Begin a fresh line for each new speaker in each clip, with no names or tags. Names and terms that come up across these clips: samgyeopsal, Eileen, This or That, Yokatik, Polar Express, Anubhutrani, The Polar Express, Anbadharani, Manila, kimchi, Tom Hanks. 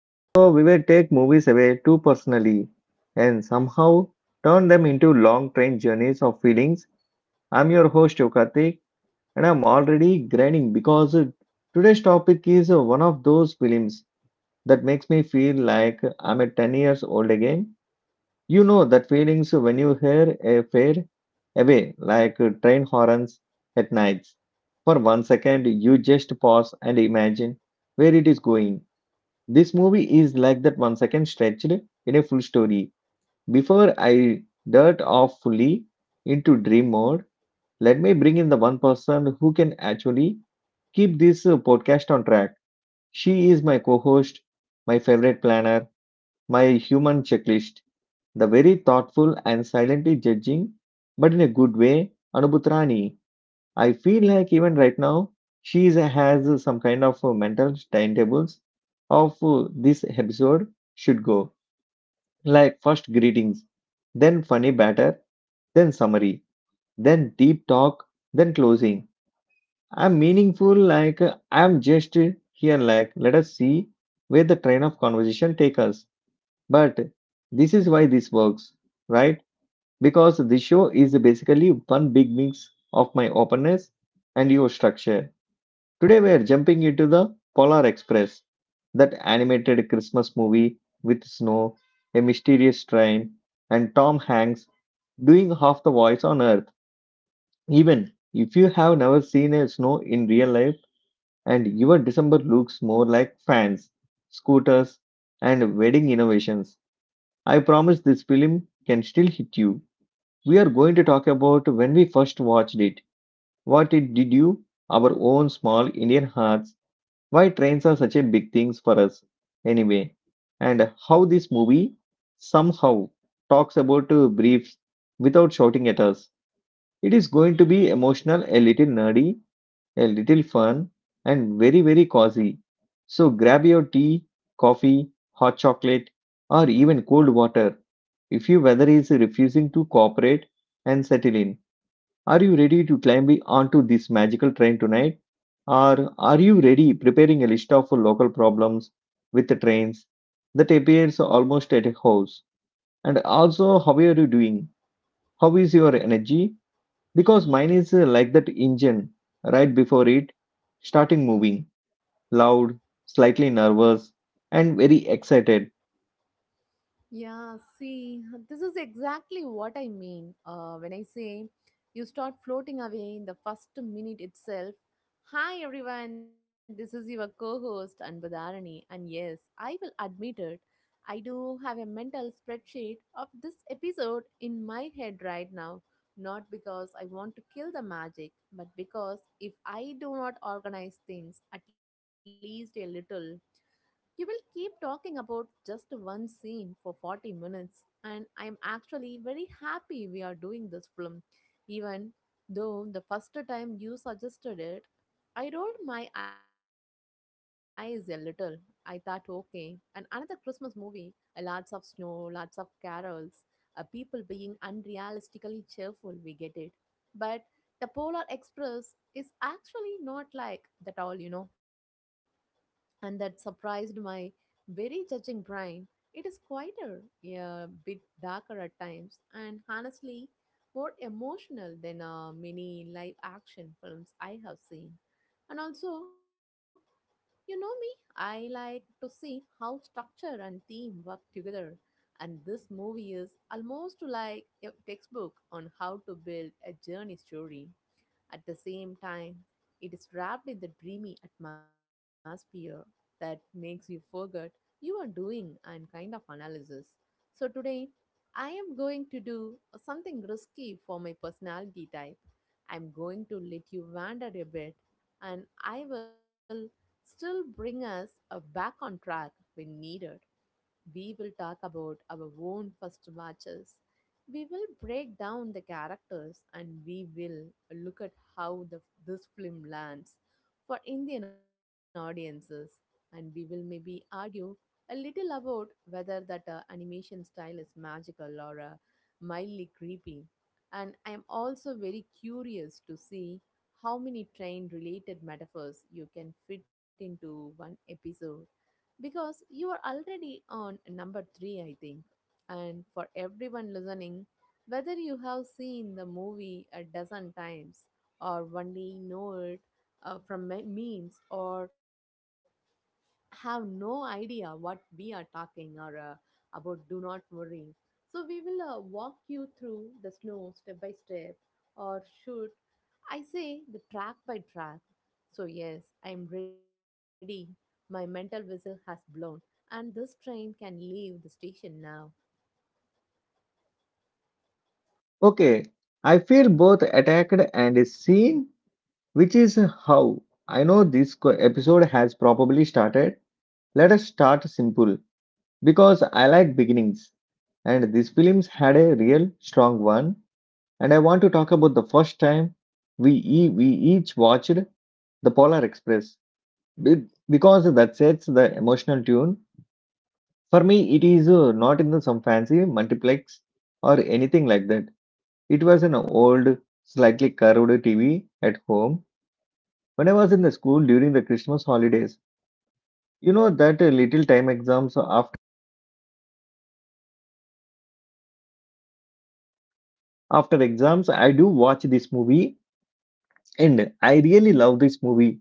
So, we will take movies away too personally and somehow turn them into long train journeys of feelings. I'm your host, Yokatik, and I'm already grinding because today's topic is one of those films that makes me feel like I'm a 10 years old again. You know that feelings when you hear a fade away like train horns at nights. For 1 second, you just pause and imagine where it is going. This movie is like that 1 second stretched in a full story. Before I dart off fully into dream mode, let me bring in the one person who can actually keep this podcast on track. She is my co host, my favorite planner, my human checklist. The very thoughtful and silently judging, but in a good way, Anubhutrani. I feel like even right now, has some kind of mental timetables of this episode should go. Like first greetings, then funny batter, then summary, then deep talk, then closing. I'm meaningful, like I'm just here, like let us see where the train of conversation take us. But this is why this works, right? Because the show is basically one big mix of my openness and your structure. Today we are jumping into the Polar Express, that animated Christmas movie with snow, a mysterious train, and Tom Hanks doing half the voice on earth. Even if you have never seen a snow in real life and your December looks more like fans, scooters, and wedding innovations, I promise this film can still hit you. We are going to talk about when we first watched it, what it did you, our own small Indian hearts, why trains are such a big things for us anyway, and how this movie somehow talks about briefs without shouting at us. It is going to be emotional, a little nerdy, a little fun, and very, very cozy. So grab your tea, coffee, hot chocolate, or even cold water if your weather is refusing to cooperate and settle in. Are you ready to climb onto this magical train tonight? Or are you ready preparing a list of local problems with the trains that appears almost at a house? And also, how are you doing? How is your energy? Because mine is like that engine right before it starting moving, loud, slightly nervous, and very excited.
Yeah, see, this is exactly what I mean when I say you start floating away in the first minute itself. Hi, everyone, this is your co host, Anbadharani. And yes, I will admit it, I do have a mental spreadsheet of this episode in my head right now. Not because I want to kill the magic, but because if I do not organize things at least a little, you will keep talking about just one scene for 40 minutes, and I am actually very happy we are doing this film. Even though the first time you suggested it, I rolled my eyes a little. I thought, okay, and another Christmas movie, lots of snow, lots of carols, people being unrealistically cheerful, we get it. But the Polar Express is actually not like that all, and that surprised my very judging brain. It is quieter, a bit darker at times, and honestly, more emotional than many live action films I have seen. And also, you know me, I like to see how structure and theme work together. And this movie is almost like a textbook on how to build a journey story. At the same time, it is wrapped in the dreamy atmosphere that makes you forget you are doing and kind of analysis. So today, I am going to do something risky for my personality type. I'm going to let you wander a bit and I will still bring us back on track when needed. We will talk about our own first matches. We will break down the characters and we will look at how this film lands for Indian audiences. And we will maybe argue a little about whether that animation style is magical or mildly creepy. And I am also very curious to see how many train related metaphors you can fit into one episode because you are already on number 3, I think. And for everyone listening, whether you have seen the movie a dozen times or only know it from memes or have no idea what we are talking or about, do not worry. So we will walk you through the snow step by step, or should I say the track by track. So yes, I am ready, my mental whistle has blown, and this train can leave the station now.
Okay, I feel both attacked and seen, which is how I know this episode has probably started. Let us start simple because I like beginnings, and this film's had a real strong one. And I want to talk about the first time we each watched The Polar Express because that sets the emotional tune. For me, it is not in the some fancy multiplex or anything like that. It was an old, slightly curved TV at home when I was in the school during the Christmas holidays. You know that little time exams after exams, I do watch this movie and I really love this movie.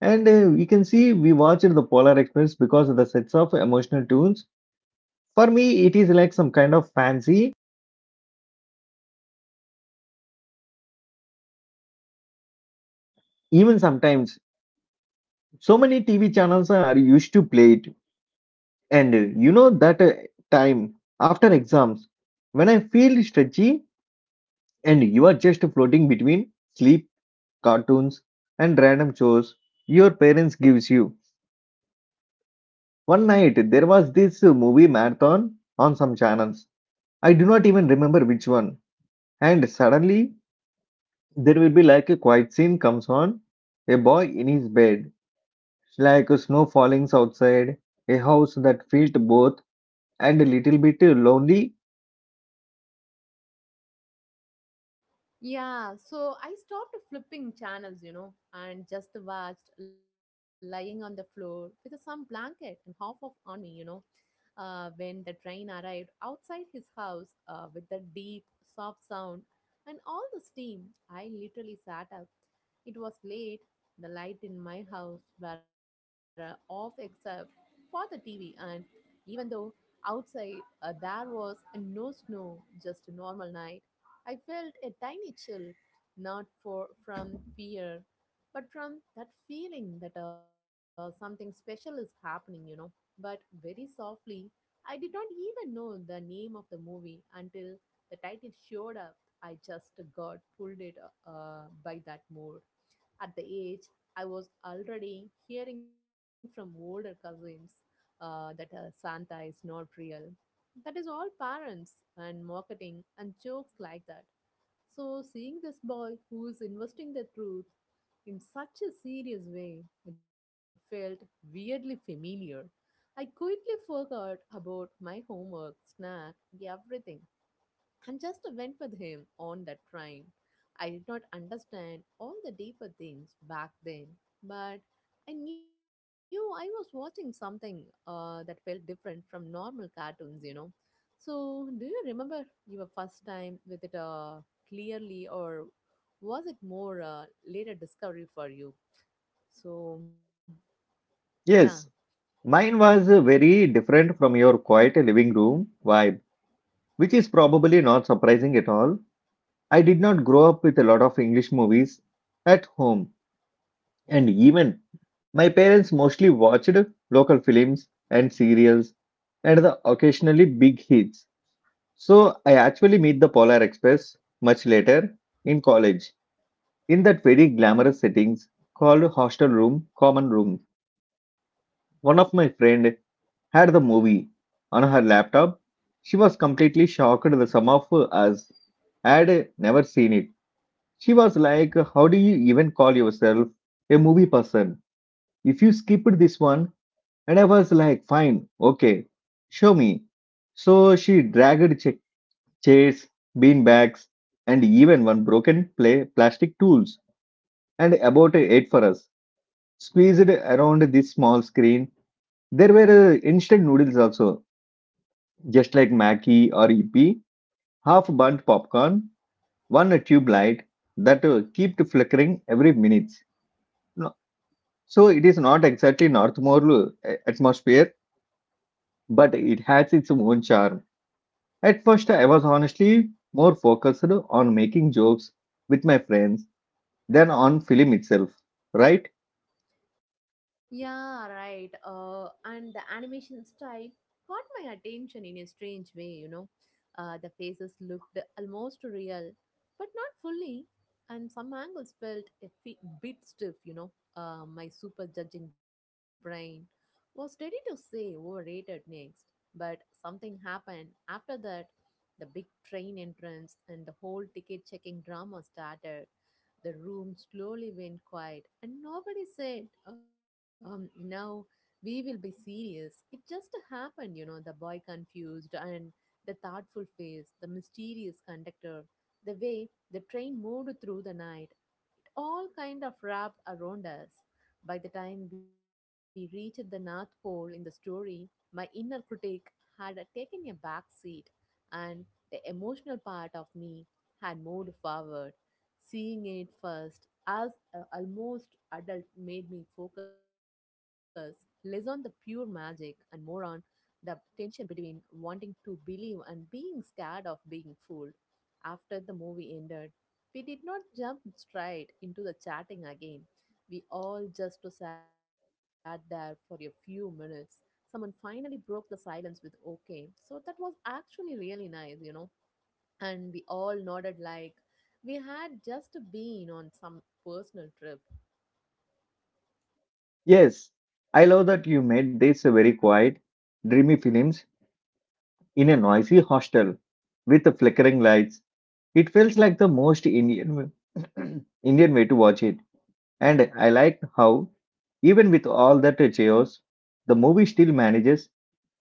And you can see we watched the Polar Express because of the sets of emotional tunes. For me, it is like some kind of fancy even sometimes so many tv channels are used to play it, and you know that time after exams when I feel stretchy, and you are just floating between sleep, cartoons, and random chores your parents gives you. One night there was this movie marathon on some channels, I do not even remember which one, and suddenly there will be like a quiet scene comes on, a boy in his bed, like a snow falling outside, a house that felt both and a little bit lonely.
Yeah, so I stopped flipping channels, you know, and just watched lying on the floor with some blanket and half of on me, you know. When the train arrived outside his house with the deep, soft sound and all the steam, I literally sat up. It was late. The light in my house were off except for the TV, and even though outside there was no snow, just a normal night. I felt a tiny chill, not for from fear, but from that feeling that something special is happening, you know. But very softly, I did not even know the name of the movie until the title showed up. I just got pulled it by that mood. At the age, I was already hearing from older cousins that Santa is not real. That is all parents and marketing and jokes like that. So, seeing this boy who is investing the truth in such a serious way, it felt weirdly familiar. I quickly forgot about my homework, snack, everything and just went with him on that train. I did not understand all the deeper things back then, but I knew I was watching something that felt different from normal cartoons, you know. So, do you remember your first time with it clearly, or was it more later discovery for you? So, yeah.
Yes, mine was very different from your quiet living room vibe, which is probably not surprising at all. I did not grow up with a lot of English movies at home, and even my parents mostly watched local films and serials and the occasionally big hits. So I actually meet the Polar Express much later in college in that very glamorous settings called hostel room, common room. One of my friend had the movie on her laptop. She was completely shocked. The some of us had never seen it. She was like, "How do you even call yourself a movie person if you skipped this one?" And I was like, "Fine, okay, show me." So she dragged chairs, bean bags, and even one broken play plastic tools and about eight for us. Squeezed around this small screen. There were instant noodles also. Just like Mackie or EP, half burnt popcorn, one tube light that kept flickering every minute. No, so it is not exactly Northmore atmosphere, but it has its own charm. At first, I was honestly more focused on making jokes with my friends than on film itself, right?
Yeah, right. And the animation style caught my attention in a strange way, you know. The faces looked almost real, but not fully, and some angles felt a bit stiff, you know. My super judging brain was ready to say overrated next, but something happened after that. The big train entrance and the whole ticket checking drama started, the room slowly went quiet, and nobody said, now we will be serious. It just happened, you know, the boy confused and the thoughtful face, the mysterious conductor, the way the train moved through the night, it all kind of wrapped around us. By the time we reached the North Pole in the story, my inner critic had taken a back seat and the emotional part of me had moved forward. Seeing it first as a almost adult made me focus less on the pure magic and more on the tension between wanting to believe and being scared of being fooled. After the movie ended, we did not jump straight into the chatting again. We all just sat there for a few minutes. Someone finally broke the silence with okay. So that was actually really nice, you know. And we all nodded like we had just been on some personal trip.
Yes, I love that you made this very quiet, dreamy films in a noisy hostel with flickering lights. It feels like the most Indian Indian way to watch it, and I liked how, even with all that chaos, the movie still manages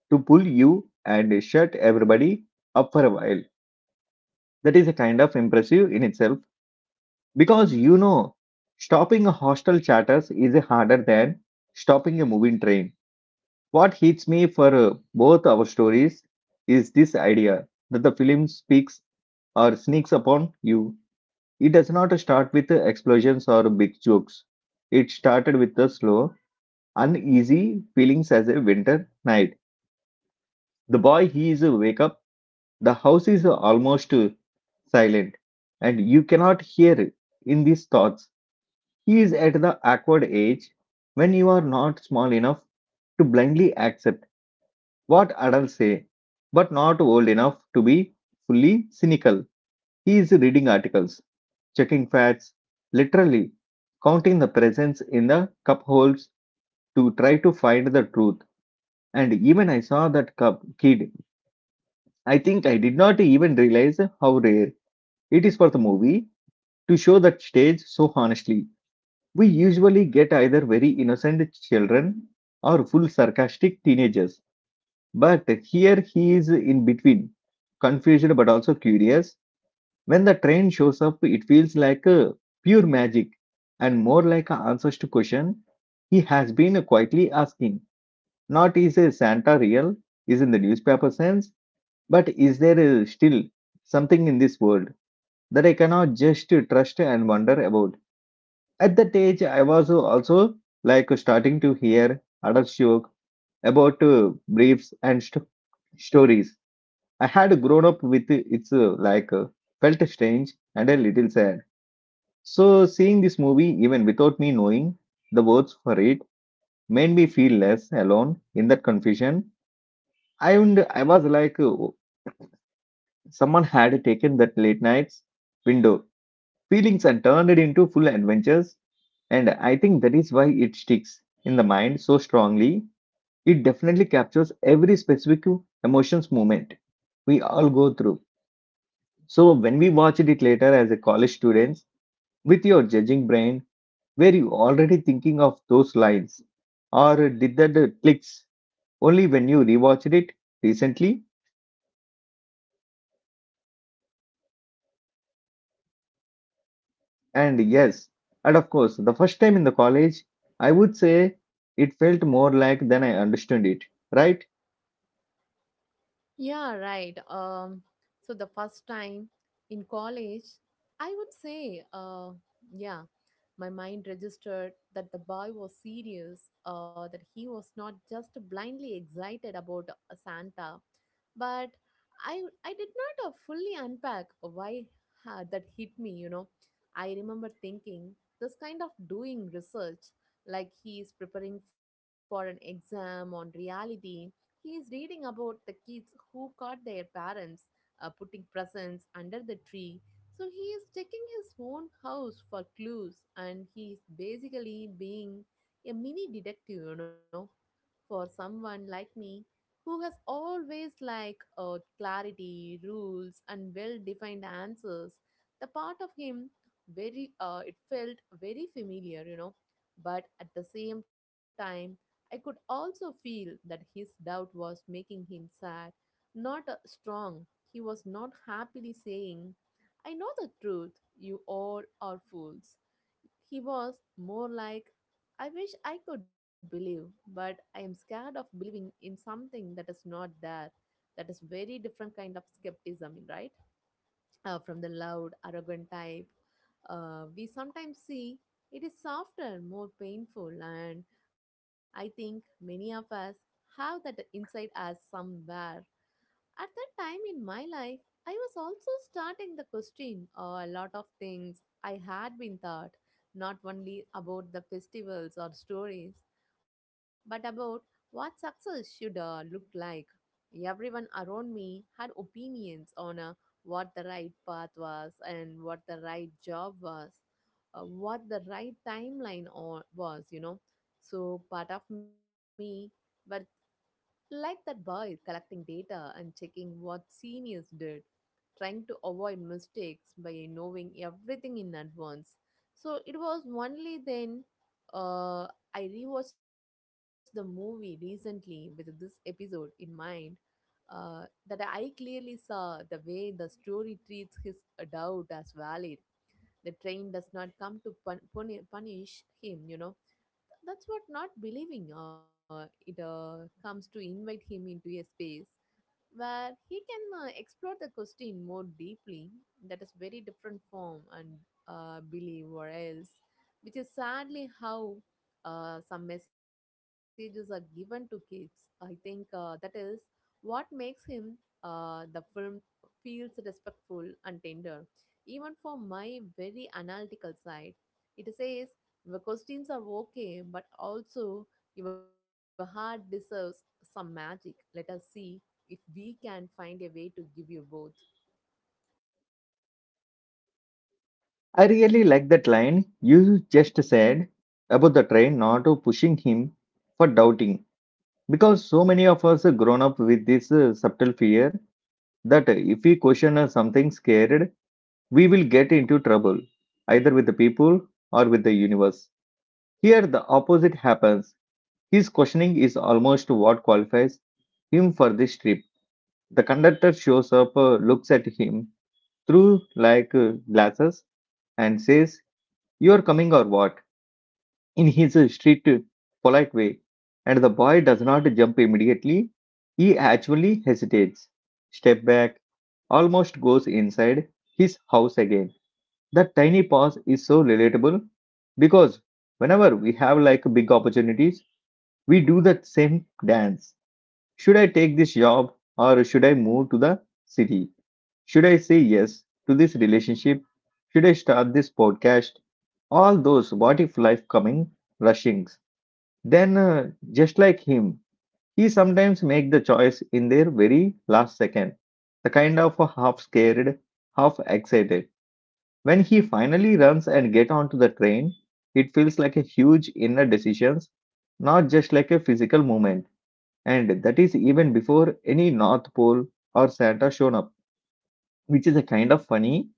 to pull you and shut everybody up for a while. That is a kind of impressive in itself because you know, stopping a hostile chatters is harder than stopping a moving train. What hits me for both our stories is this idea that the film speaks or sneaks upon you. It does not start with explosions or big jokes. It started with the slow, uneasy feelings as a winter night. The boy he is wake up. The house is almost silent, and you cannot hear in these thoughts. He is at the awkward age when you are not small enough to blindly accept what adults say, but not old enough to be fully cynical. He is reading articles, checking facts, literally counting the presents in the cup holes to try to find the truth. And even I saw that cup kid. I think I did not even realize how rare it is for the movie to show that stage so honestly. We usually get either very innocent children or full sarcastic teenagers. But here he is in between, confused but also curious. When the train shows up, it feels like a pure magic and more like an answers to question he has been quietly asking. Not is a Santa real, is in the newspaper sense, but is there still something in this world that I cannot just trust and wonder about? At that age, I was also like starting to hear adult joke about briefs and stories. I had grown up with its like felt strange and a little sad, so, seeing this movie, even without me knowing the words for it, made me feel less alone in that confusion. And I was like, oh, someone had taken that late night's window feelings and turned it into full adventures. And I think that is why it sticks in the mind so strongly. It definitely captures every specific emotions moment we all go through. So, when we watched it later as a college students, with your judging brain, were you already thinking of those lines? Or did that clicks only when you rewatched it recently? And yes, and of course, the first time in the college, I would say it felt more like than I understood it, right?
Yeah, right. So the first time in college, I would say, yeah, my mind registered that the boy was serious, that he was not just blindly excited about Santa, but I I did not fully unpack why that hit me. You know, I remember thinking this kind of doing research, like he is preparing for an exam on reality. He is reading about the kids who caught their parents putting presents under the tree so he is checking his own house for clues and he's basically being a mini detective, you know, for someone like me who has always like clarity, rules and well-defined answers. The part of him very it felt very familiar, you know, but at the same time I could also feel that his doubt was making him sad, not strong. He was not happily saying I know the truth. You all are fools. He was more like, I wish I could believe, but I am scared of believing in something that is not there. That is very different kind of skepticism, right? From the loud, arrogant type we sometimes see. It is softer, more painful, and I think many of us have that inside us somewhere. At that time in my life, I was also starting the question a lot of things I had been taught, not only about the festivals or stories, but about what success should look like. Everyone around me had opinions on what the right path was and what the right job was, what the right timeline or was, you know. So part of me were like that boy collecting data and checking what seniors did, trying to avoid mistakes by knowing everything in advance. So it was only then uh, I rewatched the movie recently with this episode in mind uh, that I clearly saw the way the story treats his doubt as valid. The train does not come to punish him, you know, that's what not believing it comes to invite him into a space where he can explore the question more deeply. That is very different from and believe or else, which is sadly how some messages are given to kids, I think. That is what makes him the film feels respectful and tender even for my very analytical side. It says your questions are okay, but also your heart deserves some magic. Let us see if we can find a way to give you both.
I really like that line you just said about the train not pushing him for doubting. Because so many of us grown up with this subtle fear that if we question something scared, we will get into trouble, either with the people or with the universe. Here, the opposite happens. His questioning is almost what qualifies him for this trip. The conductor shows up, looks at him through like glasses, and says, "You are coming or what?" in his street polite way. And the boy does not jump immediately, he actually hesitates, step back, almost goes inside his house again. That tiny pause is so relatable because whenever we have like big opportunities, we do that same dance. Should I take this job or should I move to the city? Should I say yes to this relationship? Should I start this podcast? All those what if life coming rushings. Then, just like him, he sometimes make the choice in their very last second, the kind of a half scared, half excited. When he finally runs and get onto the train, it feels like a huge inner decisions, not just like a physical movement. And that is even before any North Pole or Santa shown up, which is a kind of funny.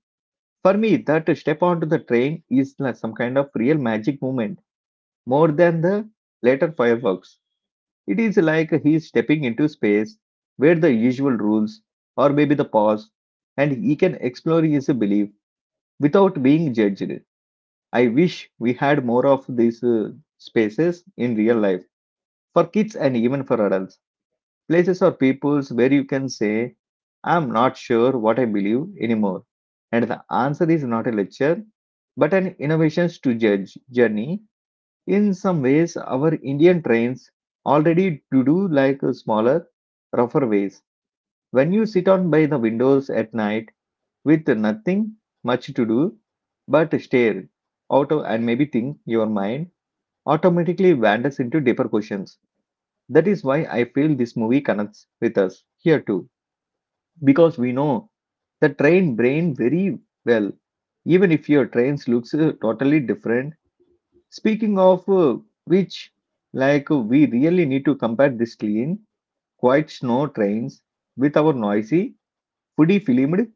For me, that to step onto the train is like some kind of real magic moment, more than the later fireworks. It is like he is stepping into space where the usual rules, or maybe the pause, and he can explore his belief without being judged. I wish we had more of these spaces in real life for kids and even for adults. Places or peoples where you can say, I'm not sure what I believe anymore. And the answer is not a lecture, but an innovations to judge journey. In some ways, our Indian trains already to do like a smaller, rougher ways. When you sit on by the windows at night with nothing much to do but stare out of and maybe think your mind automatically wanders into deeper questions. That is why I feel this movie connects with us here too, because we know the train brain very well, even if your trains looks totally different. Speaking of which, we really need to compare this clean, quiet snow trains with our noisy, foodie filmed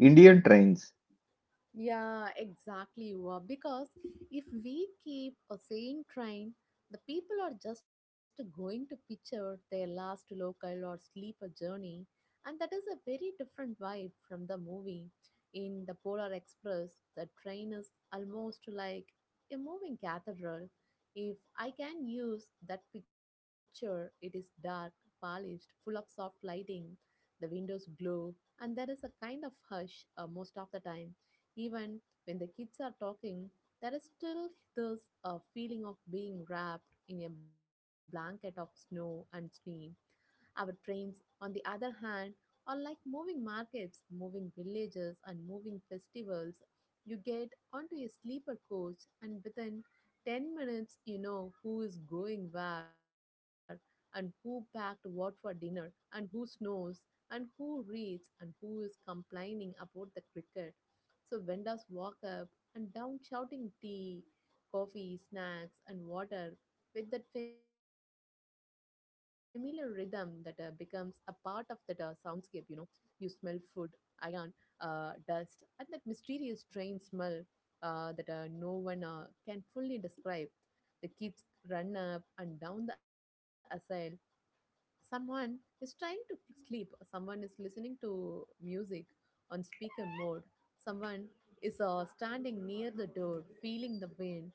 Indian trains.
Yeah, exactly. Wa. Because if we keep a same train, the people are just going to picture their last local or sleeper journey, and that is a very different vibe from the movie. In the Polar Express, the train is almost like a moving cathedral. If I can use that picture, it is dark, polished, full of soft lighting. The windows glow, and there is a kind of hush most of the time even when the kids are talking, there is still this feeling of being wrapped in a blanket of snow and steam. Our trains, on the other hand, are like moving markets, moving villages, and moving festivals. You get onto a sleeper coach, and within 10 minutes, you know who is going where, and who packed what for dinner, and who snores, and who reads, and who is complaining about the cricket. So vendors walk up and down shouting tea, coffee, snacks, and water with that familiar rhythm that becomes a part of that soundscape. You know, you smell food, iron, dust, and that mysterious train smell that no one can fully describe. The kids run up and down the aisle. Someone is trying to sleep. Someone is listening to music on speaker mode. Someone is standing near the door feeling the wind.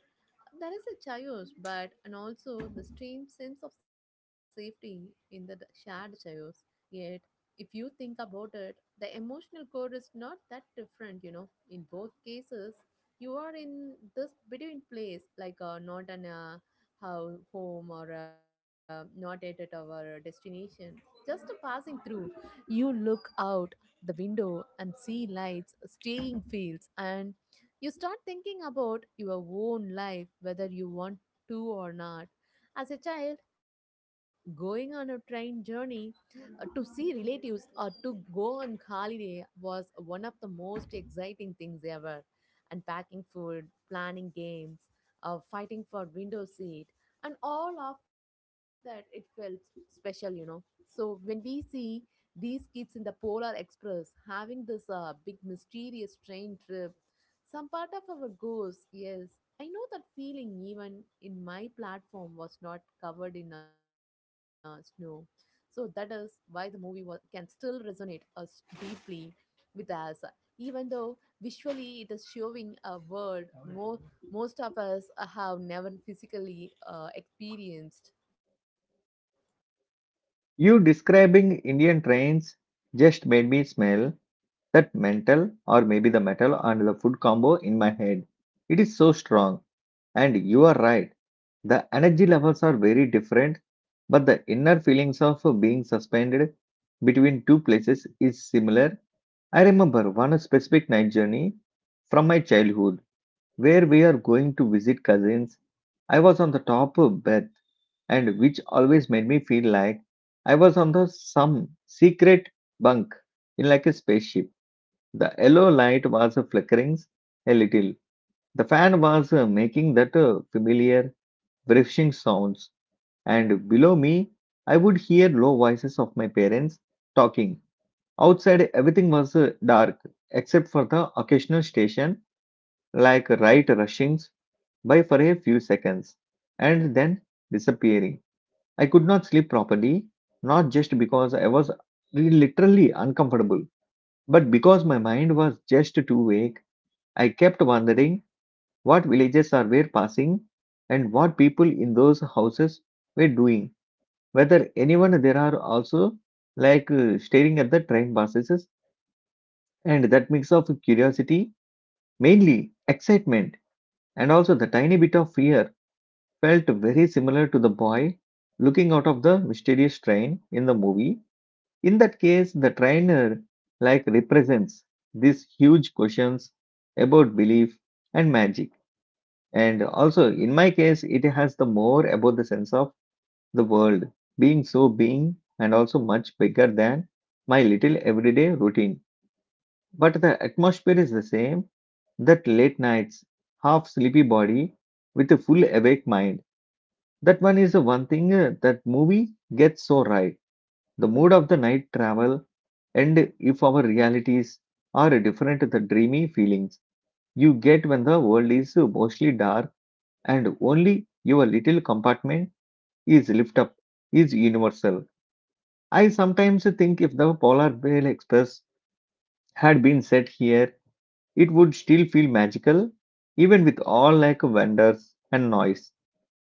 There is a chaos, but and also the strange sense of safety in the shared chaos. Yet, if you think about it, the emotional core is not that different, you know. In both cases, you are in this between place, like not an how home or not yet at our destination, just a passing through. You look out the window and see lights, staying fields, and you start thinking about your own life, whether you want to or not. As a child, going on a train journey to see relatives or to go on holiday was one of the most exciting things ever. Unpacking food, planning games, fighting for window seat, and all of that, it felt special, you know. So when we see these kids in the Polar Express having this big mysterious train trip, some part of our goes, yes. I know that feeling even in my platform was not covered in snow. So that is why the movie can still resonate us deeply with us. Even though visually it is showing a world more most of us have never physically experienced.
You describing Indian trains just made me smell that mental or maybe the metal and the food combo in my head. It is so strong. And you are right. The energy levels are very different, but the inner feelings of being suspended between two places is similar. I remember one specific night journey from my childhood where we are going to visit cousins. I was on the top of bed, and which always made me feel like I was on the some secret bunk in like a spaceship. The yellow light was flickering a little. The fan was making that familiar brushing sounds, and below me, I would hear low voices of my parents talking. Outside, everything was dark except for the occasional station, like right rushings by for a few seconds and then disappearing. I could not sleep properly, not just because I was really literally uncomfortable, but because my mind was just too vague. I kept wondering what villages I were passing and what people in those houses were doing, whether anyone there are also like staring at the train buses and that mix of curiosity, mainly excitement, and also the tiny bit of fear felt very similar to the boy looking out of the mysterious train in the movie. In that case, the trainer like represents these huge questions about belief and magic. And also, in my case, it has the more about the sense of the world being so being and also much bigger than my little everyday routine. But the atmosphere is the same that late nights, half sleepy body with a full awake mind that one is the one thing that movie gets so right. The mood of the night travel, and if our realities are different, the dreamy feelings you get when the world is mostly dark and only your little compartment is lift up is universal. I sometimes think if the Polar Bear Express had been set here, it would still feel magical, even with all like wonders and noise,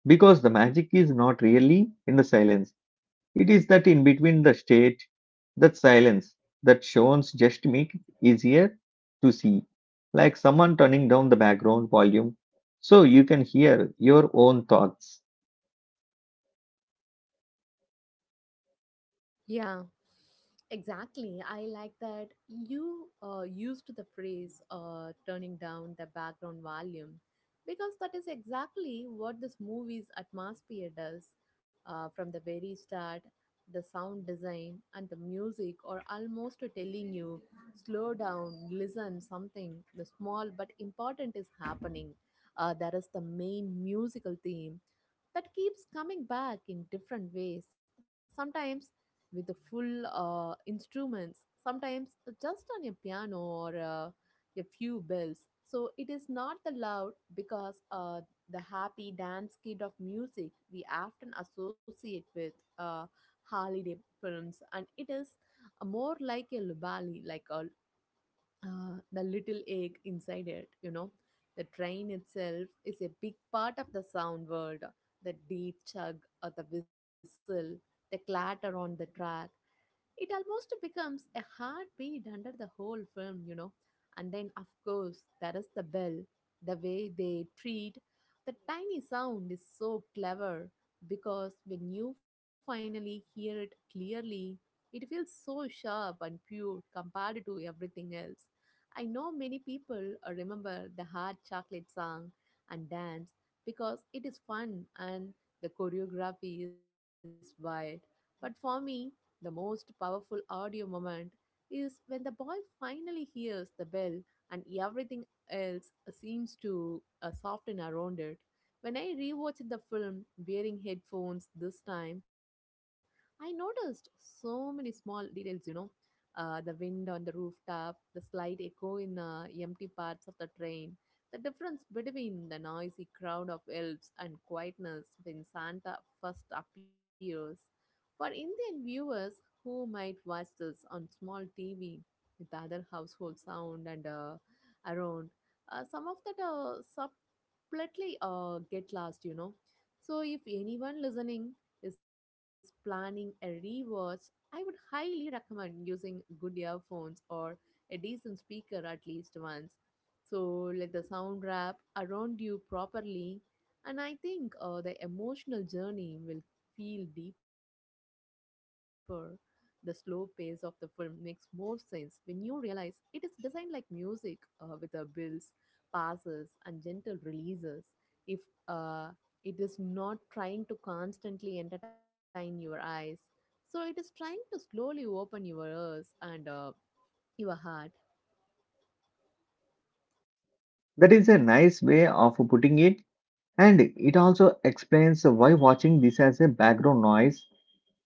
because the magic is not really in the silence. It is that in between the state, that silence, that shows just make it easier to see, like someone turning down the background volume so you can hear your own thoughts.
Yeah, exactly. I like that you used the phrase turning down the background volume because that is exactly what this movie's atmosphere does from the very start. The sound design and the music are almost telling you slow down, listen, something the small but important is happening. That is the main musical theme that keeps coming back in different ways. Sometimes with the full instruments, sometimes just on a piano or a few bells. So it is not the loud because the happy dance kid of music we often associate with holiday films, and it is more like a lullaby, like a the little egg inside it. You know, the train itself is a big part of the sound world, the deep chug or the whistle, the clatter on the track. It almost becomes a heartbeat under the whole film, you know. And then, of course, there is the bell. The way they treat the tiny sound is so clever because when you finally hear it clearly, it feels so sharp and pure compared to everything else. I know many people remember the hard chocolate song and dance because it is fun and the choreography is wild. But for me, the most powerful audio moment is when the boy finally hears the bell and everything else seems to soften around it. When I rewatched the film wearing headphones this time, I noticed so many small details, you know. The wind on the rooftop, the slight echo in empty parts of the train, the difference between the noisy crowd of elves and quietness when Santa first appears. For Indian viewers who might watch this on small TV with other household sound and around, some of that subtly get lost, you know. So if anyone listening is planning a rewatch, I would highly recommend using good earphones or a decent speaker at least once. So let the sound wrap around you properly, and I think the emotional journey will feel deeper. The slow pace of the film makes more sense when you realize it is designed like music with the builds, passes, and gentle releases. If uh, it is not trying to constantly entertain your eyes, so it is trying to slowly open your ears and your heart.
That is a nice way of putting it, and it also explains why watching this as a background noise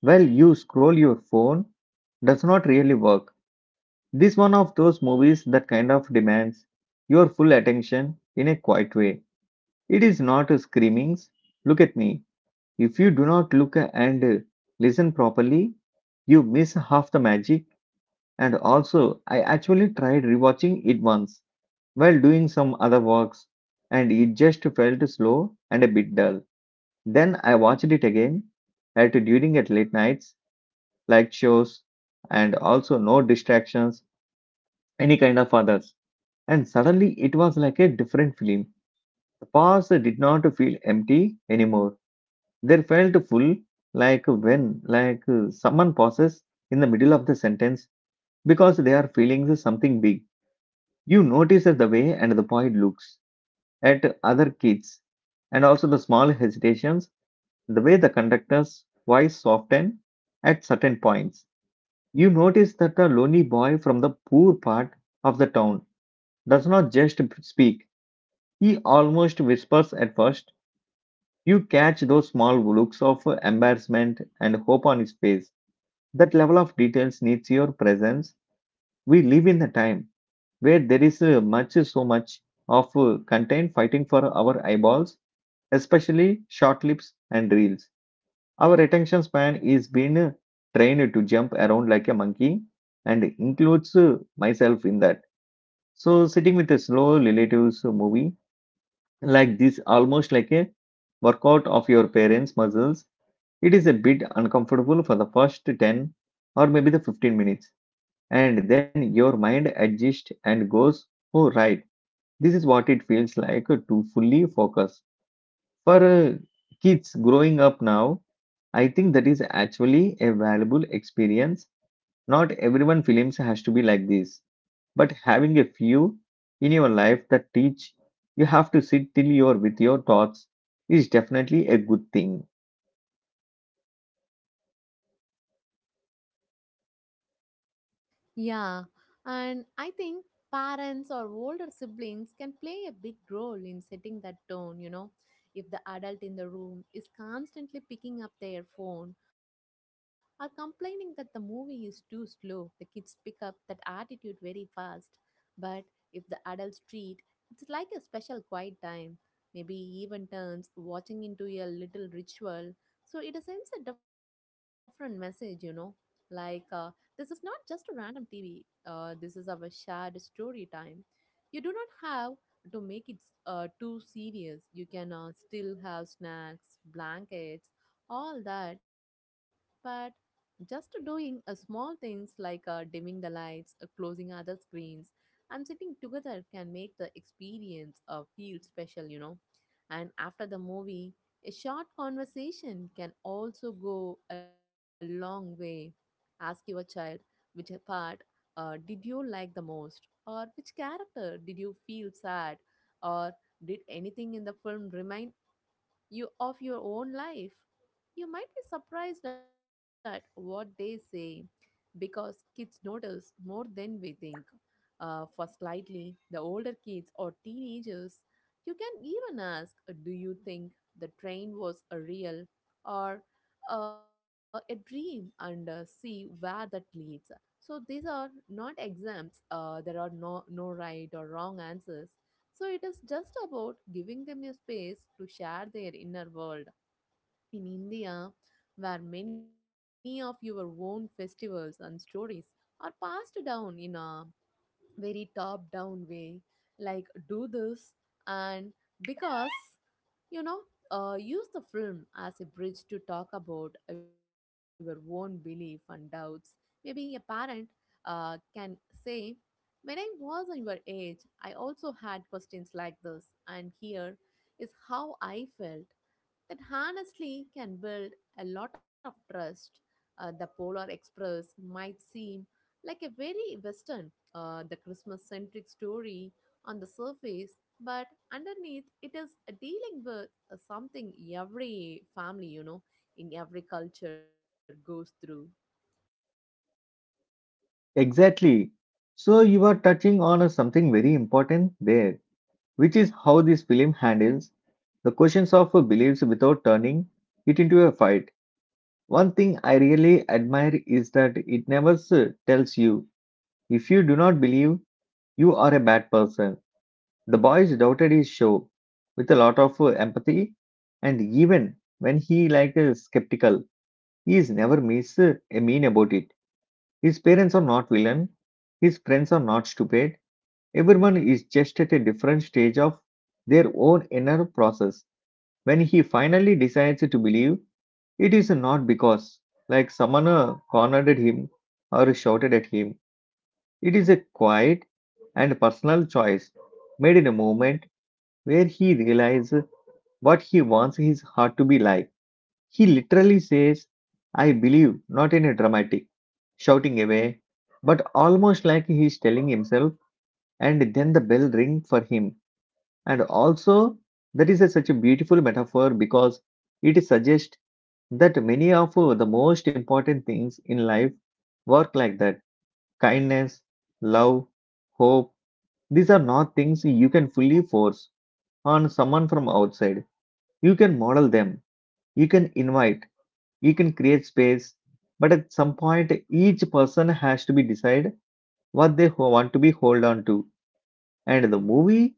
while you scroll your phone does not really work. This one of those movies that kind of demands your full attention in a quiet way. It is not screamings, look at me. If you do not look and listen properly, you miss half the magic. And also, I actually tried rewatching it once while doing some other works, and it just felt slow and a bit dull. Then I watched it again at during at late nights, like shows, and also no distractions, any kind of others. And suddenly it was like a different film. The past did not feel empty anymore. There felt full, like when, someone pauses in the middle of the sentence because they are feeling something big. You notice the way and the boy looks at other kids, and also the small hesitations, the way the conductor's voice softened at certain points. You notice that the lonely boy from the poor part of the town does not just speak, he almost whispers at first. You catch those small looks of embarrassment and hope on his face. That level of details needs your presence. We live in a time where there is much, so much of content fighting for our eyeballs, especially short clips and reels. Our attention span is being trained to jump around like a monkey and includes myself in that. So sitting with a slow relatives movie like this, almost like a workout of your parents' muscles, it is a bit uncomfortable for the first 10 or maybe the 15 minutes and then your mind adjusts and goes, oh, right, this is what it feels like to fully focus. For kids growing up now, I think that is actually a valuable experience. Not everyone films has to be like this, but having a few in your life that teach you have to sit till you're with your thoughts is definitely a good thing.
Yeah, and I think parents or older siblings can play a big role in setting that tone, you know. If the adult in the room is constantly picking up their phone or complaining that the movie is too slow, the kids pick up that attitude very fast. But if the adults treat it's like a special quiet time, maybe even turns watching into a little ritual, so it sends a different message, you know. Like, this is not just a random TV, this is our shared story time. You do not have to make it too serious. You can still have snacks, blankets, all that, but just doing small things like dimming the lights, closing other screens, and sitting together can make the experience feel special, you know. And after the movie, a short conversation can also go a long way. Ask your child which part did you like the most, or which character did you feel sad, or did anything in the film remind you of your own life? You might be surprised at what they say because kids notice more than we think. For slightly the older kids or teenagers, you can even ask, do you think the train was a real or a dream, and see where that leads. So these are not exams. There are no right or wrong answers, so it is just about giving them a space to share their inner world. In India, where many of your own festivals and stories are passed down in a very top down way, like do this and because, you know, use the film as a bridge to talk about your own belief and doubts. Maybe a parent can say, when I was on your age, I also had questions like this, and here is how I felt. That honestly can build a lot of trust. The Polar Express might seem like a very Western, the Christmas centric story on the surface, but underneath it is a dealing with something every family, you know, in every culture goes through.
Exactly. So you are touching on something very important there which is how this film handles the questions of beliefs without turning it into a fight. One thing I really admire is that it never tells you if you do not believe you are a bad person. The boys doubted his show with a lot of empathy, and even when he skeptical, he is never miss a mean about it. His parents are not villain, his friends are not stupid. Everyone is just at a different stage of their own inner process when he finally decides to believe, it is not because, like, someone cornered him or shouted at him. It is a quiet and personal choice made in a moment where he realizes what he wants his heart to be like. He literally says, I believe, not in a dramatic, shouting away, but almost like he is telling himself, and then the bell rings for him. And also, that is a, such a beautiful metaphor because it suggests that many of the most important things in life work like that, kindness, love, hope. These are not things you can fully force on someone from outside. You can model them, you can invite, you can create space, but at some point each person has to be decide what they want to be hold on to. And the movie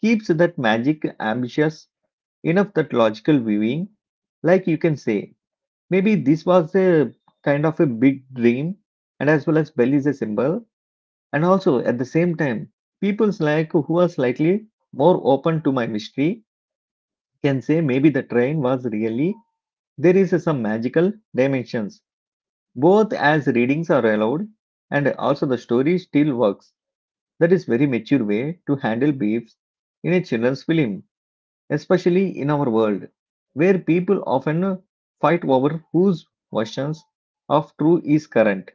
keeps that magic ambitious enough that logical viewing, like you can say, maybe this was a kind of a big dream, and as well as Bell is a symbol, and also at the same time, people's like who are slightly more open to my mystery can say maybe the train was really there is some magical dimensions. Both as readings are allowed, and also the story still works. That is very mature way to handle beefs in a children's film especially in our world where people often fight over whose versions of true is current.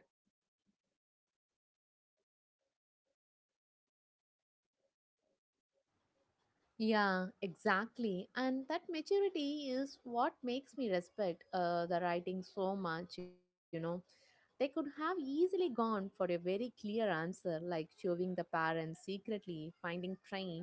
Yeah, exactly. And that maturity is what makes me respect the writing so much, you know. They could have easily gone for a very clear answer, like showing the parents secretly finding train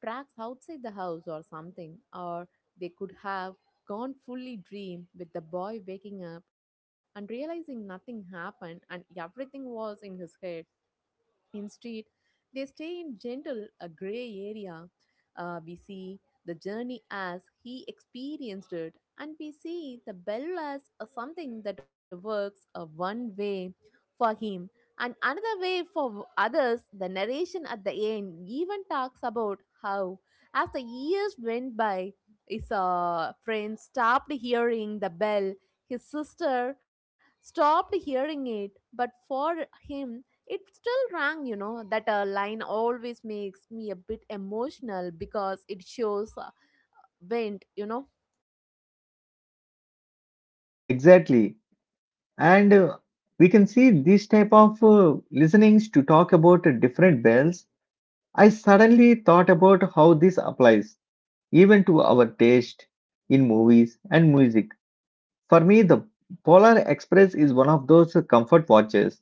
tracks outside the house or something. Or they could have gone fully dream with the boy waking up and realizing nothing happened and everything was in his head. Instead, they stay in gentle a gray area. We see the journey as he experienced it, and we see the bell as a something that works a one way for him and another way for others. The narration at the end even talks about how, as the years went by, his friend stopped hearing the bell. His sister stopped hearing it, but for him, it still rang, you know. That line always makes me a bit emotional because it shows wind, you know.
Exactly. And we can see this type of listenings to talk about different bells. I suddenly thought about how this applies even to our taste in movies and music. For me, the Polar Express is one of those comfort watches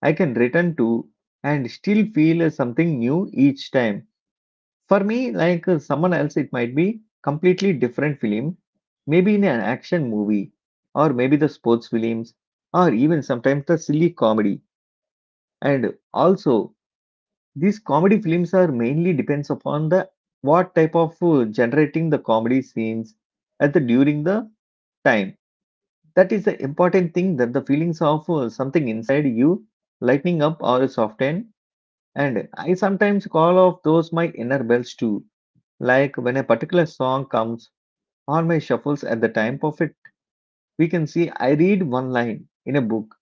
I can return to and still feel something new each time. For me, someone else, it might be completely different film, maybe in an action movie, or maybe the sports films, or even sometimes the silly comedy. And also, these comedy films are mainly depends upon the what type of generating the comedy scenes at the during the time. That is the important thing that the feelings of something inside you lightening up or soften. And I sometimes call off those my inner bells too. Like when a particular song comes on my shuffles at the time of it, we can see I read one line in a book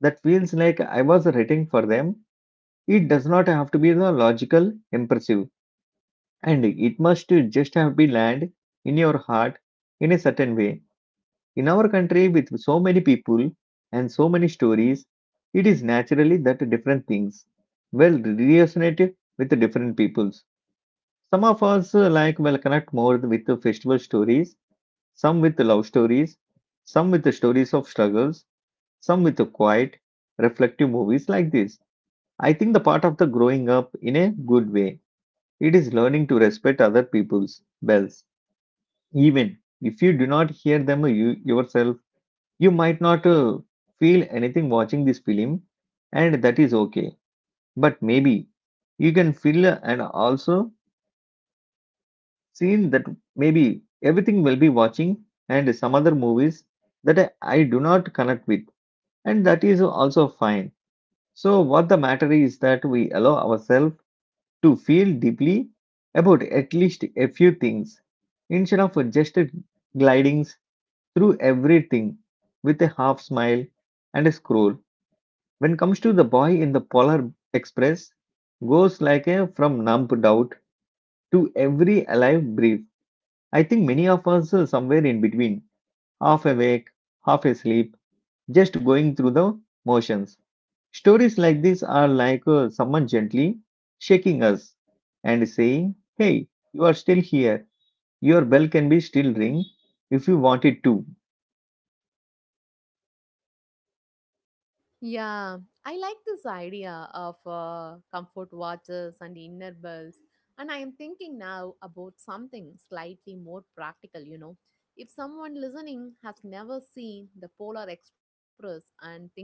that feels like I was writing for them. It does not have to be the logical, impressive, and it must just have been land in your heart in a certain way. In our country, with so many people and so many stories, it is naturally that different things will resonate with the different peoples. Some of us will connect more with the festival stories, some with love stories, some with the stories of struggles, some with the quiet, reflective movies like this. I think the part of the growing up in a good way. It is learning to respect other people's bells. Even if you do not hear them you, yourself, you might not feel anything watching this film, and that is okay. But maybe you can feel and also seen that maybe everything will be watching and some other movies that I do not connect with and that is also fine. So, what the matter is that we allow ourselves to feel deeply about at least a few things instead of just gliding through everything with a half smile and a scroll. When it comes to the boy in the Polar Express, goes like a from numb doubt to every alive brief. I think many of us are somewhere in between, half awake, half asleep, just going through the motions. Stories like this are like someone gently shaking us and saying, Hey, you are still here. Your bell can be still ring if you want it to.
Yeah, I like this idea of comfort watches and inner bells. And I am thinking now about something slightly more practical, you know. If someone listening has never seen the Polar Express and thinking,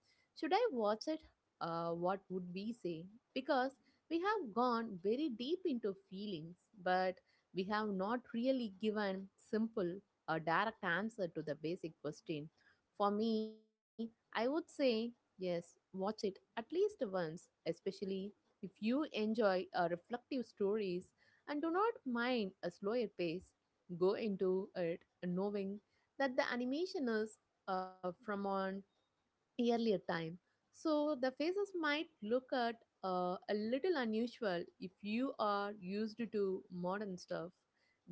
should I watch it? What would we say? Because we have gone very deep into feelings, but we have not really given simple or direct answer to the basic question. For me, I would say yes, watch it at least once, especially if you enjoy reflective stories and do not mind a slower pace. Go into it knowing that the animation is from on earlier time. So the faces might look at a little unusual if you are used to modern stuff.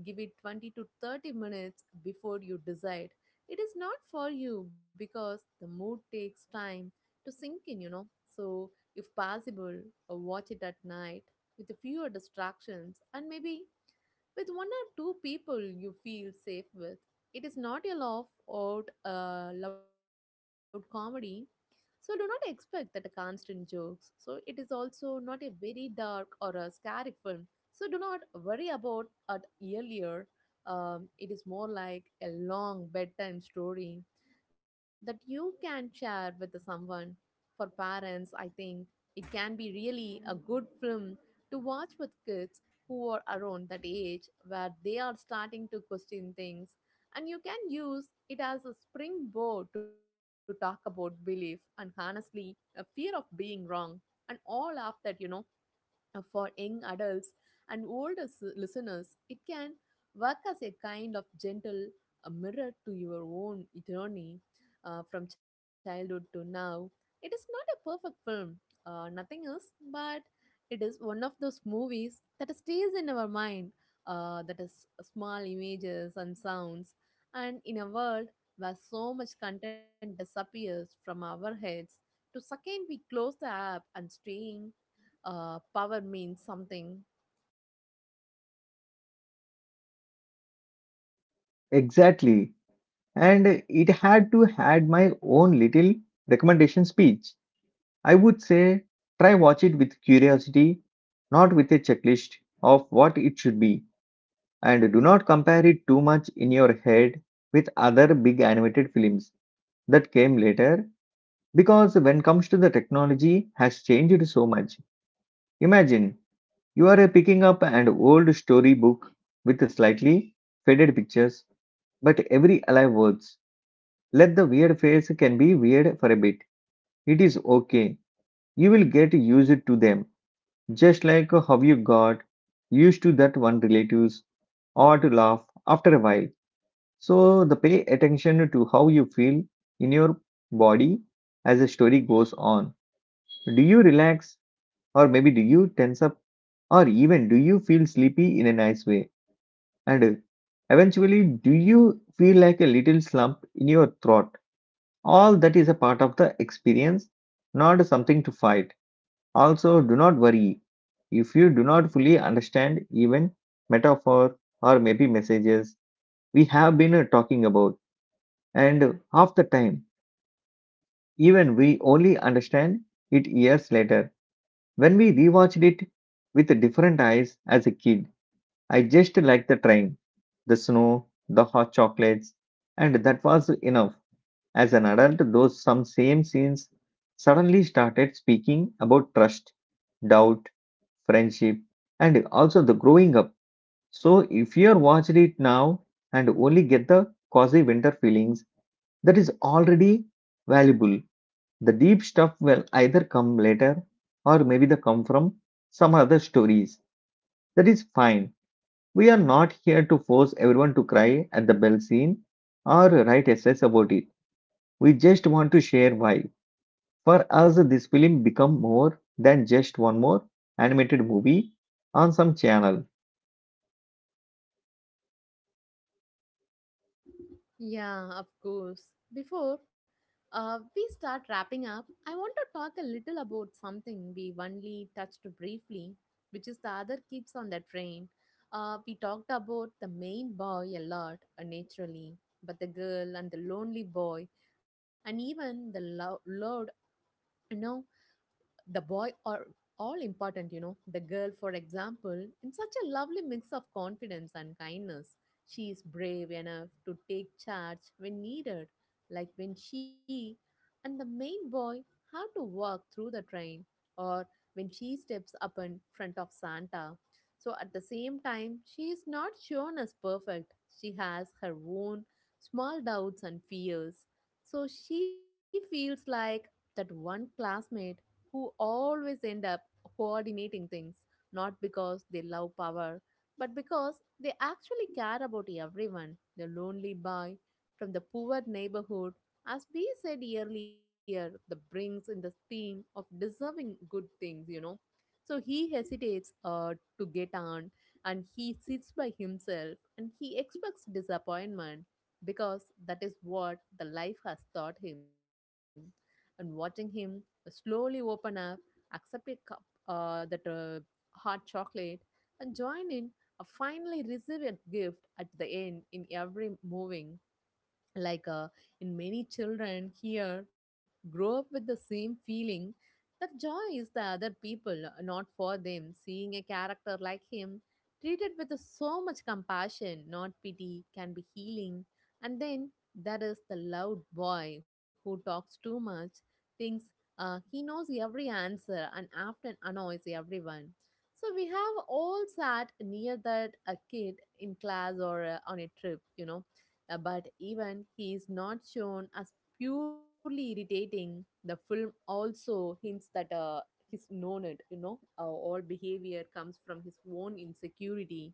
Give it 20 to 30 minutes before you decide. It is not for you because the mood takes time to sink in, you know. So, if possible, watch it at night with fewer distractions and maybe with one or two people you feel safe with. It is not a laugh out loud comedy, so do not expect that a constant jokes. So it is also not a very dark or a scary film. So do not worry about it earlier. It is more like a long bedtime story that you can share with someone. For parents, I think it can be really a good film to watch with kids who are around that age where they are starting to question things, and you can use it as a springboard to talk about belief and honestly a fear of being wrong and all of that, you know. For young adults and older listeners, it can work as a kind of gentle mirror to your own journey from childhood to now. It is not a perfect film, nothing else, but it is one of those movies that stays in our mind, that is small images and sounds. And in a world where so much content disappears from our heads, to second we close the app and stream power means something.
Exactly. And it had to had my own little recommendation speech. I would say try watch it with curiosity, not with a checklist of what it should be. And do not compare it too much in your head with other big animated films that came later because when comes to the technology has changed so much, imagine you are picking up an old storybook with slightly faded pictures but every alive words. Let the weird face can be weird for a bit, it is okay, you will get used to them, just like how you got used to that one relatives or to laugh after a while. So the pay attention to how you feel in your body as the story goes on. Do you relax? Or maybe do you tense up? Or even do you feel sleepy in a nice way? And eventually, do you feel like a little slump in your throat? All that is a part of the experience, not something to fight. Also, do not worry if you do not fully understand even metaphor or maybe messages we have been talking about. And half the time even we only understand it years later when we rewatched it with different eyes. As a kid I just liked the train, the snow, the hot chocolates, and that was enough. As an adult, those some same scenes suddenly started speaking about trust, doubt, friendship, and also the growing up. So if you're watching it now and only get the cozy winter feelings, that is already valuable. The deep stuff will either come later or maybe they come from some other stories. That is fine, we are not here to force everyone to cry at the bell scene or write essays about it. We just want to share why. For us, this film become more than just one more animated movie on some channel.
Yeah, of course. Before we start wrapping up, I want to talk a little about something we only touched briefly, which is the other kids on the train. We talked about the main boy a lot, naturally, but the girl and the lonely boy, and even the loud, you know, the boy are all important. The girl, for example, in such a lovely mix of confidence and kindness, she is brave enough to take charge when needed, like when she and the main boy have to walk through the train or when she steps up in front of Santa. So at the same time, she is not shown as perfect. She has her own small doubts and fears. So she feels like that one classmate who always end up coordinating things, not because they love power, but because they actually care about everyone. The lonely boy from the poor neighborhood, as we said earlier, the brings in the theme of deserving good things. So he hesitates to get on and he sits by himself and he expects disappointment because that is what the life has taught him. And watching him slowly open up, accept a cup, that hot chocolate, and join in. Finally, receive a gift at the end in every moving like in many children here grow up with the same feeling that joy is the other people not for them seeing a character like him treated with so much compassion not pity can be healing. And then there is the loud boy who talks too much, thinks he knows every answer and often annoys everyone. So we have all sat near that a kid in class or on a trip. But even he is not shown as purely irritating. The film also hints that he's known it. All behavior comes from his own insecurity.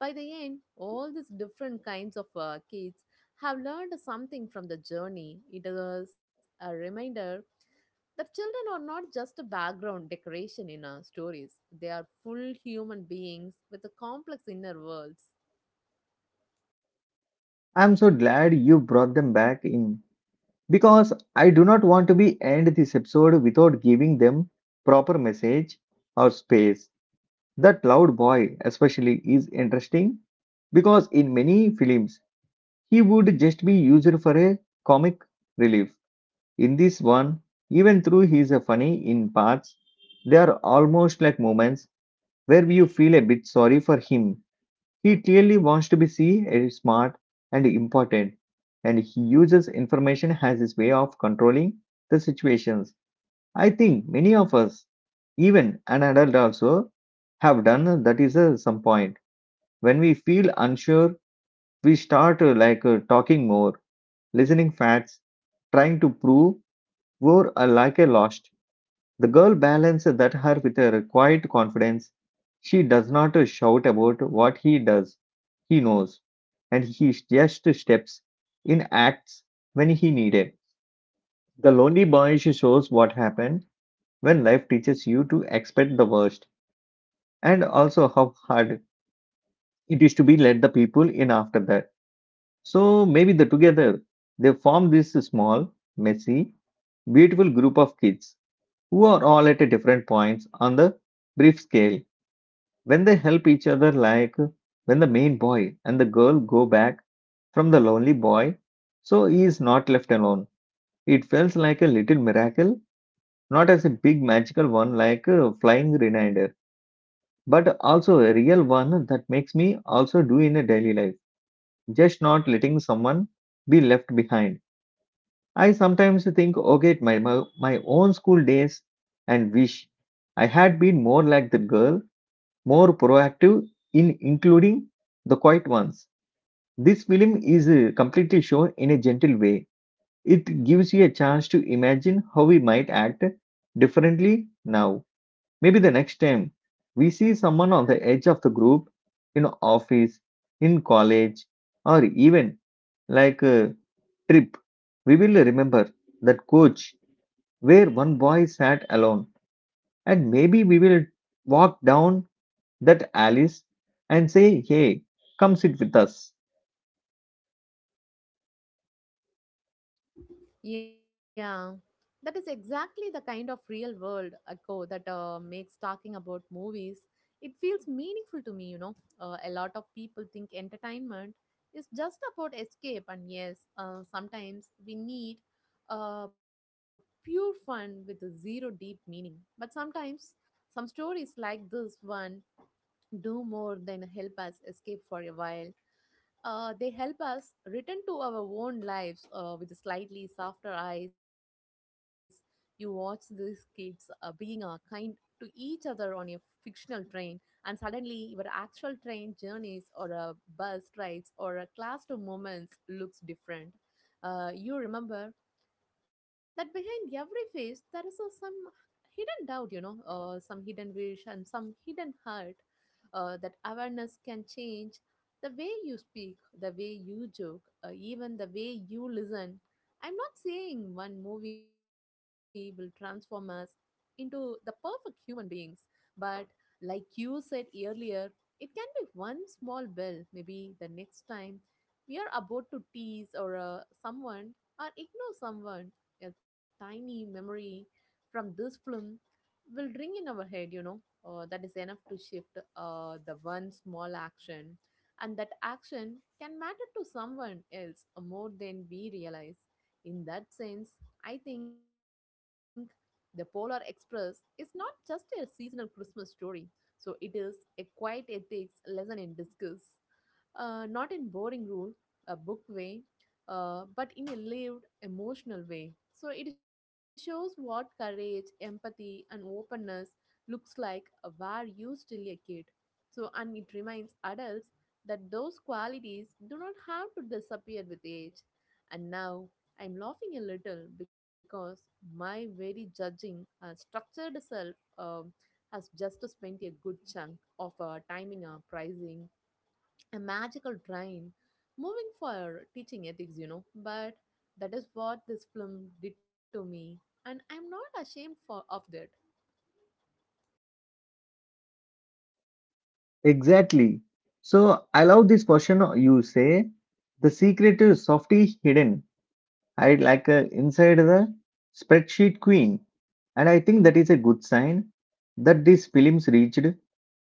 By the end, all these different kinds of kids have learned something from the journey. It is a reminder that children are not just a background decoration in our stories, they are full human beings with a complex inner worlds.
I'm so glad you brought them back in because I do not want to be end this episode without giving them proper message or space. That loud boy especially is interesting because in many films he would just be used for a comic relief. In this one, even though he's a funny in parts, there are almost like moments where you feel a bit sorry for him. He clearly wants to be seen as smart and important, and he uses information as his way of controlling the situations. I think many of us, even an adult also, have done that is some point. When we feel unsure, we start talking more, listening facts, trying to prove we're like a lost. The girl balanced that her with a quiet confidence. She does not shout about what he does. He knows. And he just steps in acts when he needed. The lonely boy shows what happened when life teaches you to expect the worst and also how hard it is to be let the people in after that. So maybe the together they form this small, messy, beautiful group of kids who are all at different points on the brief scale. When they help each other, like when the main boy and the girl go back from the lonely boy, so he is not left alone. It feels like a little miracle, not as a big magical one like a flying reminder, but also a real one that makes me also do in a daily life. Just not letting someone be left behind. I sometimes think, okay, my own school days and wish I had been more like the girl, more proactive in including the quiet ones. This film is completely shown in a gentle way. It gives you a chance to imagine how we might act differently now. Maybe the next time we see someone on the edge of the group, in office, in college, or even like a trip, we will remember that coach where one boy sat alone. And maybe we will walk down that alleys and say, Hey, come sit with us.
Yeah, that is exactly the kind of real world echo that makes talking about movies. It feels meaningful to me, you know. A lot of people think entertainment is just about escape, and yes, sometimes we need uh, pure fun with zero deep meaning. But sometimes some stories like this one do more than help us escape for a while. They help us return to our own lives with slightly softer eyes. You watch these kids being kind to each other on a fictional train, and suddenly your actual train journeys or bus rides or classroom moments looks different. You remember that behind every face there is a, some hidden doubt, you know, some hidden wish and some hidden hurt. That awareness can change the way you speak, the way you joke, even the way you listen. I'm not saying one movie will transform us into the perfect human beings, but like you said earlier, it can be one small bell. Maybe the next time we are about to tease or someone, or ignore someone, a tiny memory from this film will ring in our head, you know. That is enough to shift the one small action, and that action can matter to someone else more than we realize. In that sense, I think the Polar Express is not just a seasonal Christmas story, so it is a quiet ethics lesson in discuss, not in boring rule a book way, but in a lived, emotional way. So it shows what courage, empathy, and openness looks like where you still a kid. So, and it reminds adults that those qualities do not have to disappear with age. And now I'm laughing a little because my very judging and structured self has just spent a good chunk of timing pricing a magical train moving for teaching ethics, you know. But that is what this film did to me, and I'm not ashamed for of that.
Exactly. So I love this question you say. The secret is softly hidden. I like inside the spreadsheet queen. And I think that is a good sign that these films reached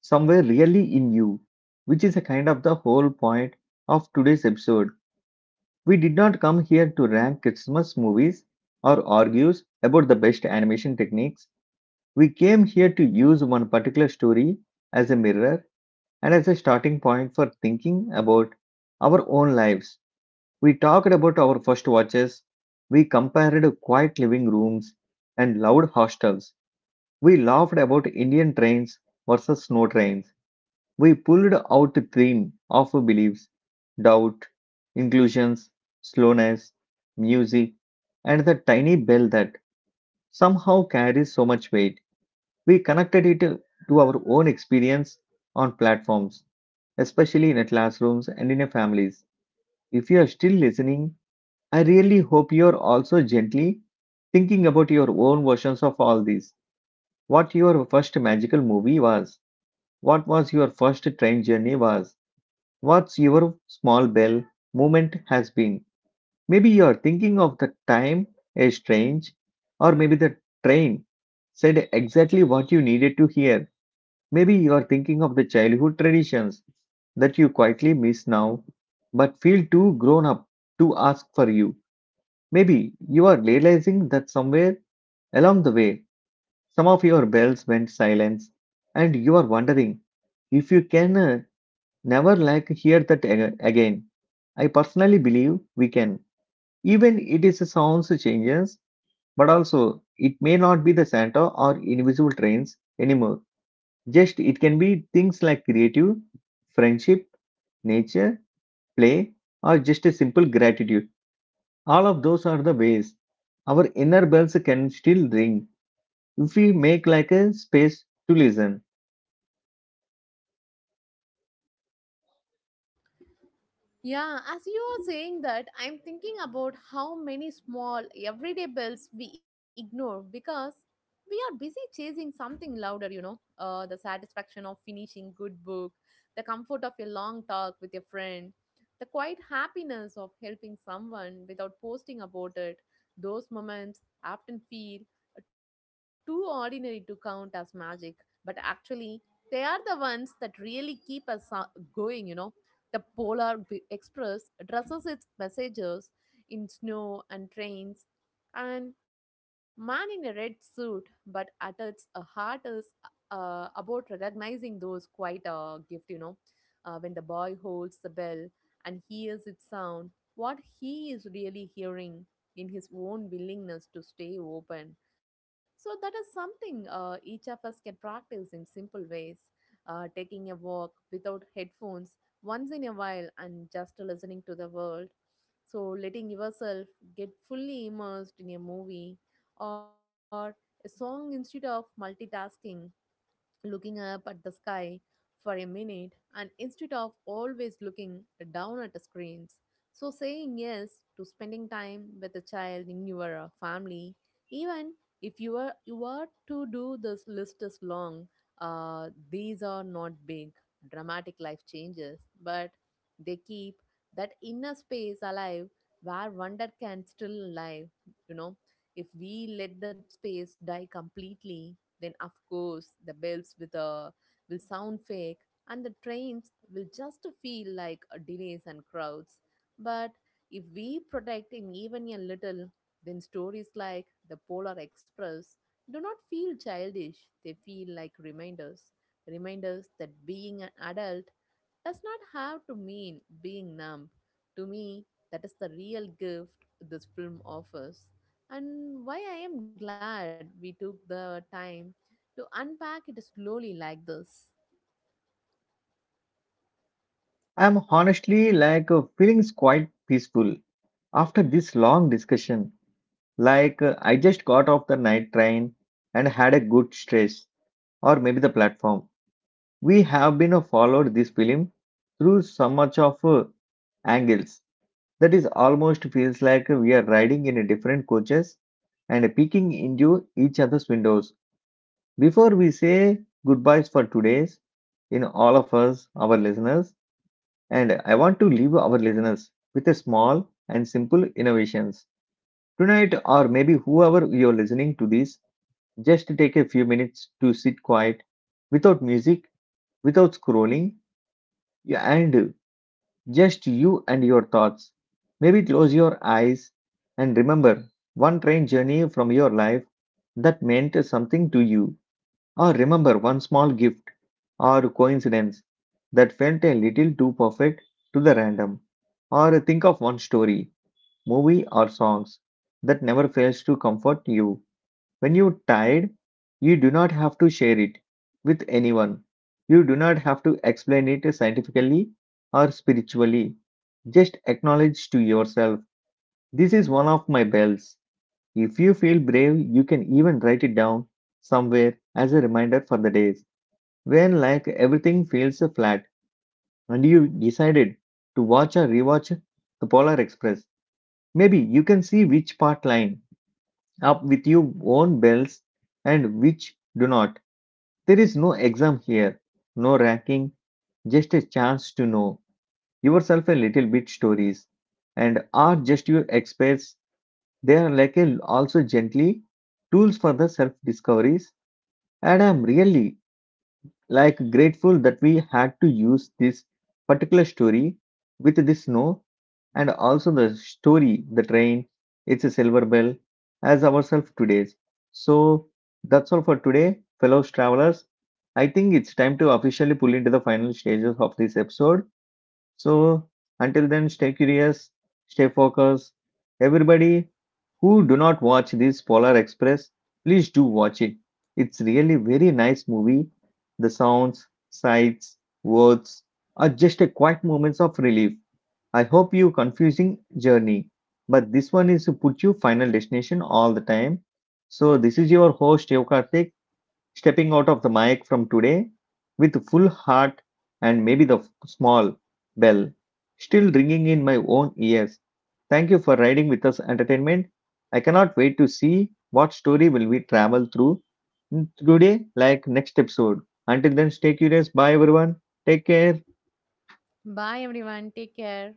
somewhere really in you, which is a kind of the whole point of today's episode. We did not come here to rank Christmas movies or argues about the best animation techniques. We came here to use one particular story as a mirror and as a starting point for thinking about our own lives. We talked about our first watches, we compared quiet living rooms and loud hostels, we laughed about Indian trains versus snow trains, we pulled out the theme of beliefs, doubt, inclusions, slowness, music, and the tiny bell that somehow carries so much weight. We connected it to our own experience on platforms especially in classrooms and in families. If you are still listening, I really hope you are also gently thinking about your own versions of all these. What your first magical movie was, what was your first train journey was, what's your small bell moment has been. Maybe you are thinking of the time a strange, or maybe the train said exactly what you needed to hear. Maybe you are thinking of the childhood traditions that you quietly miss now, but feel too grown up to ask for you. Maybe you are realizing that somewhere along the way, some of your bells went silent, and you are wondering if you can never like hear that again. I personally believe we can. Even it is a sounds changes, but also it may not be the Santa or invisible trains anymore. Just it can be things like creative, friendship, nature, play, or just a simple gratitude. All of those are the ways our inner bells can still ring if we make like a space to listen.
Yeah, as you are saying that, I'm thinking about how many small everyday bells we ignore because we are busy chasing something louder, you know. The satisfaction of finishing good book, the comfort of a long talk with a friend, the quiet happiness of helping someone without posting about it. Those moments often feel too ordinary to count as magic, but actually they are the ones that really keep us going, you know. The Express dresses its messengers in snow and trains, and man in a red suit, but at its heart is about recognizing those quite a gift, you know. When the boy holds the bell and hears its sound, what he is really hearing in his own willingness to stay open. So, that is something each of us can practice in simple ways. Taking a walk without headphones once in a while and just listening to the world. So, letting yourself get fully immersed in a movie or a song instead of multitasking, looking up at the sky for a minute and instead of always looking down at the screens. So, saying yes to spending time with a child in your family, even if you are, you are to do this list is long, these are not big, dramatic life changes, but they keep that inner space alive where wonder can still live, you know. If we let that space die completely, then of course the bells with a will sound fake and the trains will just feel like a delays and crowds. But if we protect him even a little, then stories like the polar express do not feel childish, they feel like reminders. Reminders that being an adult does not have to mean being numb. To me, that is the real gift this film offers, and why I am glad we took the time to unpack it slowly like this.
I'm honestly like feeling quite peaceful after this long discussion. Like I just got off the night train and had a good stress, or maybe the platform. We have been followed this film through so much of angles. That is almost feels like we are riding in a different coaches and peeking into each other's windows. Before we say goodbyes for today's, in all of us, our listeners, and I want to leave our listeners with a small and simple innovations. Tonight, or maybe whoever you're listening to this, just take a few minutes to sit quiet, without music, without scrolling, and just you and your thoughts. Maybe close your eyes and remember one train journey from your life that meant something to you, or remember one small gift or coincidence that felt a little too perfect to the random, or think of one story, movie, or songs that never fails to comfort you. When you're tired, you do not have to share it with anyone. You do not have to explain it scientifically or spiritually. Just acknowledge to yourself, this is one of my bells. If you feel brave, you can even write it down somewhere as a reminder for the days when like everything feels flat and you decided to watch or rewatch the Polar Express. Maybe you can see which part line up with your own bells and which do not. There is no exam here, no ranking, just a chance to know yourself a little bit. Stories and are just your experts. They are like a, also gently tools for the self discoveries. And I'm really like grateful that we had to use this particular story with the snow and also the story the train, it's a silver bell as ourselves today's. So that's all for today fellow travelers. I think it's time to officially pull into the final stages of this episode. So until then, stay curious, stay focused. Everybody who do not watch this Polar Express, please do watch it. It's really very nice movie. The sounds, sights, words are just a quiet moments of relief. I hope you confusing journey, but this one is to put you final destination all the time. So this is your host Yokartik stepping out of the mic from today with full heart and maybe the small bell still ringing in my own ears. Thank you for riding with us entertainment. I cannot wait to see what story will we travel through today like next episode. Until then stay curious. Bye everyone. Take care.
Bye everyone. Take care.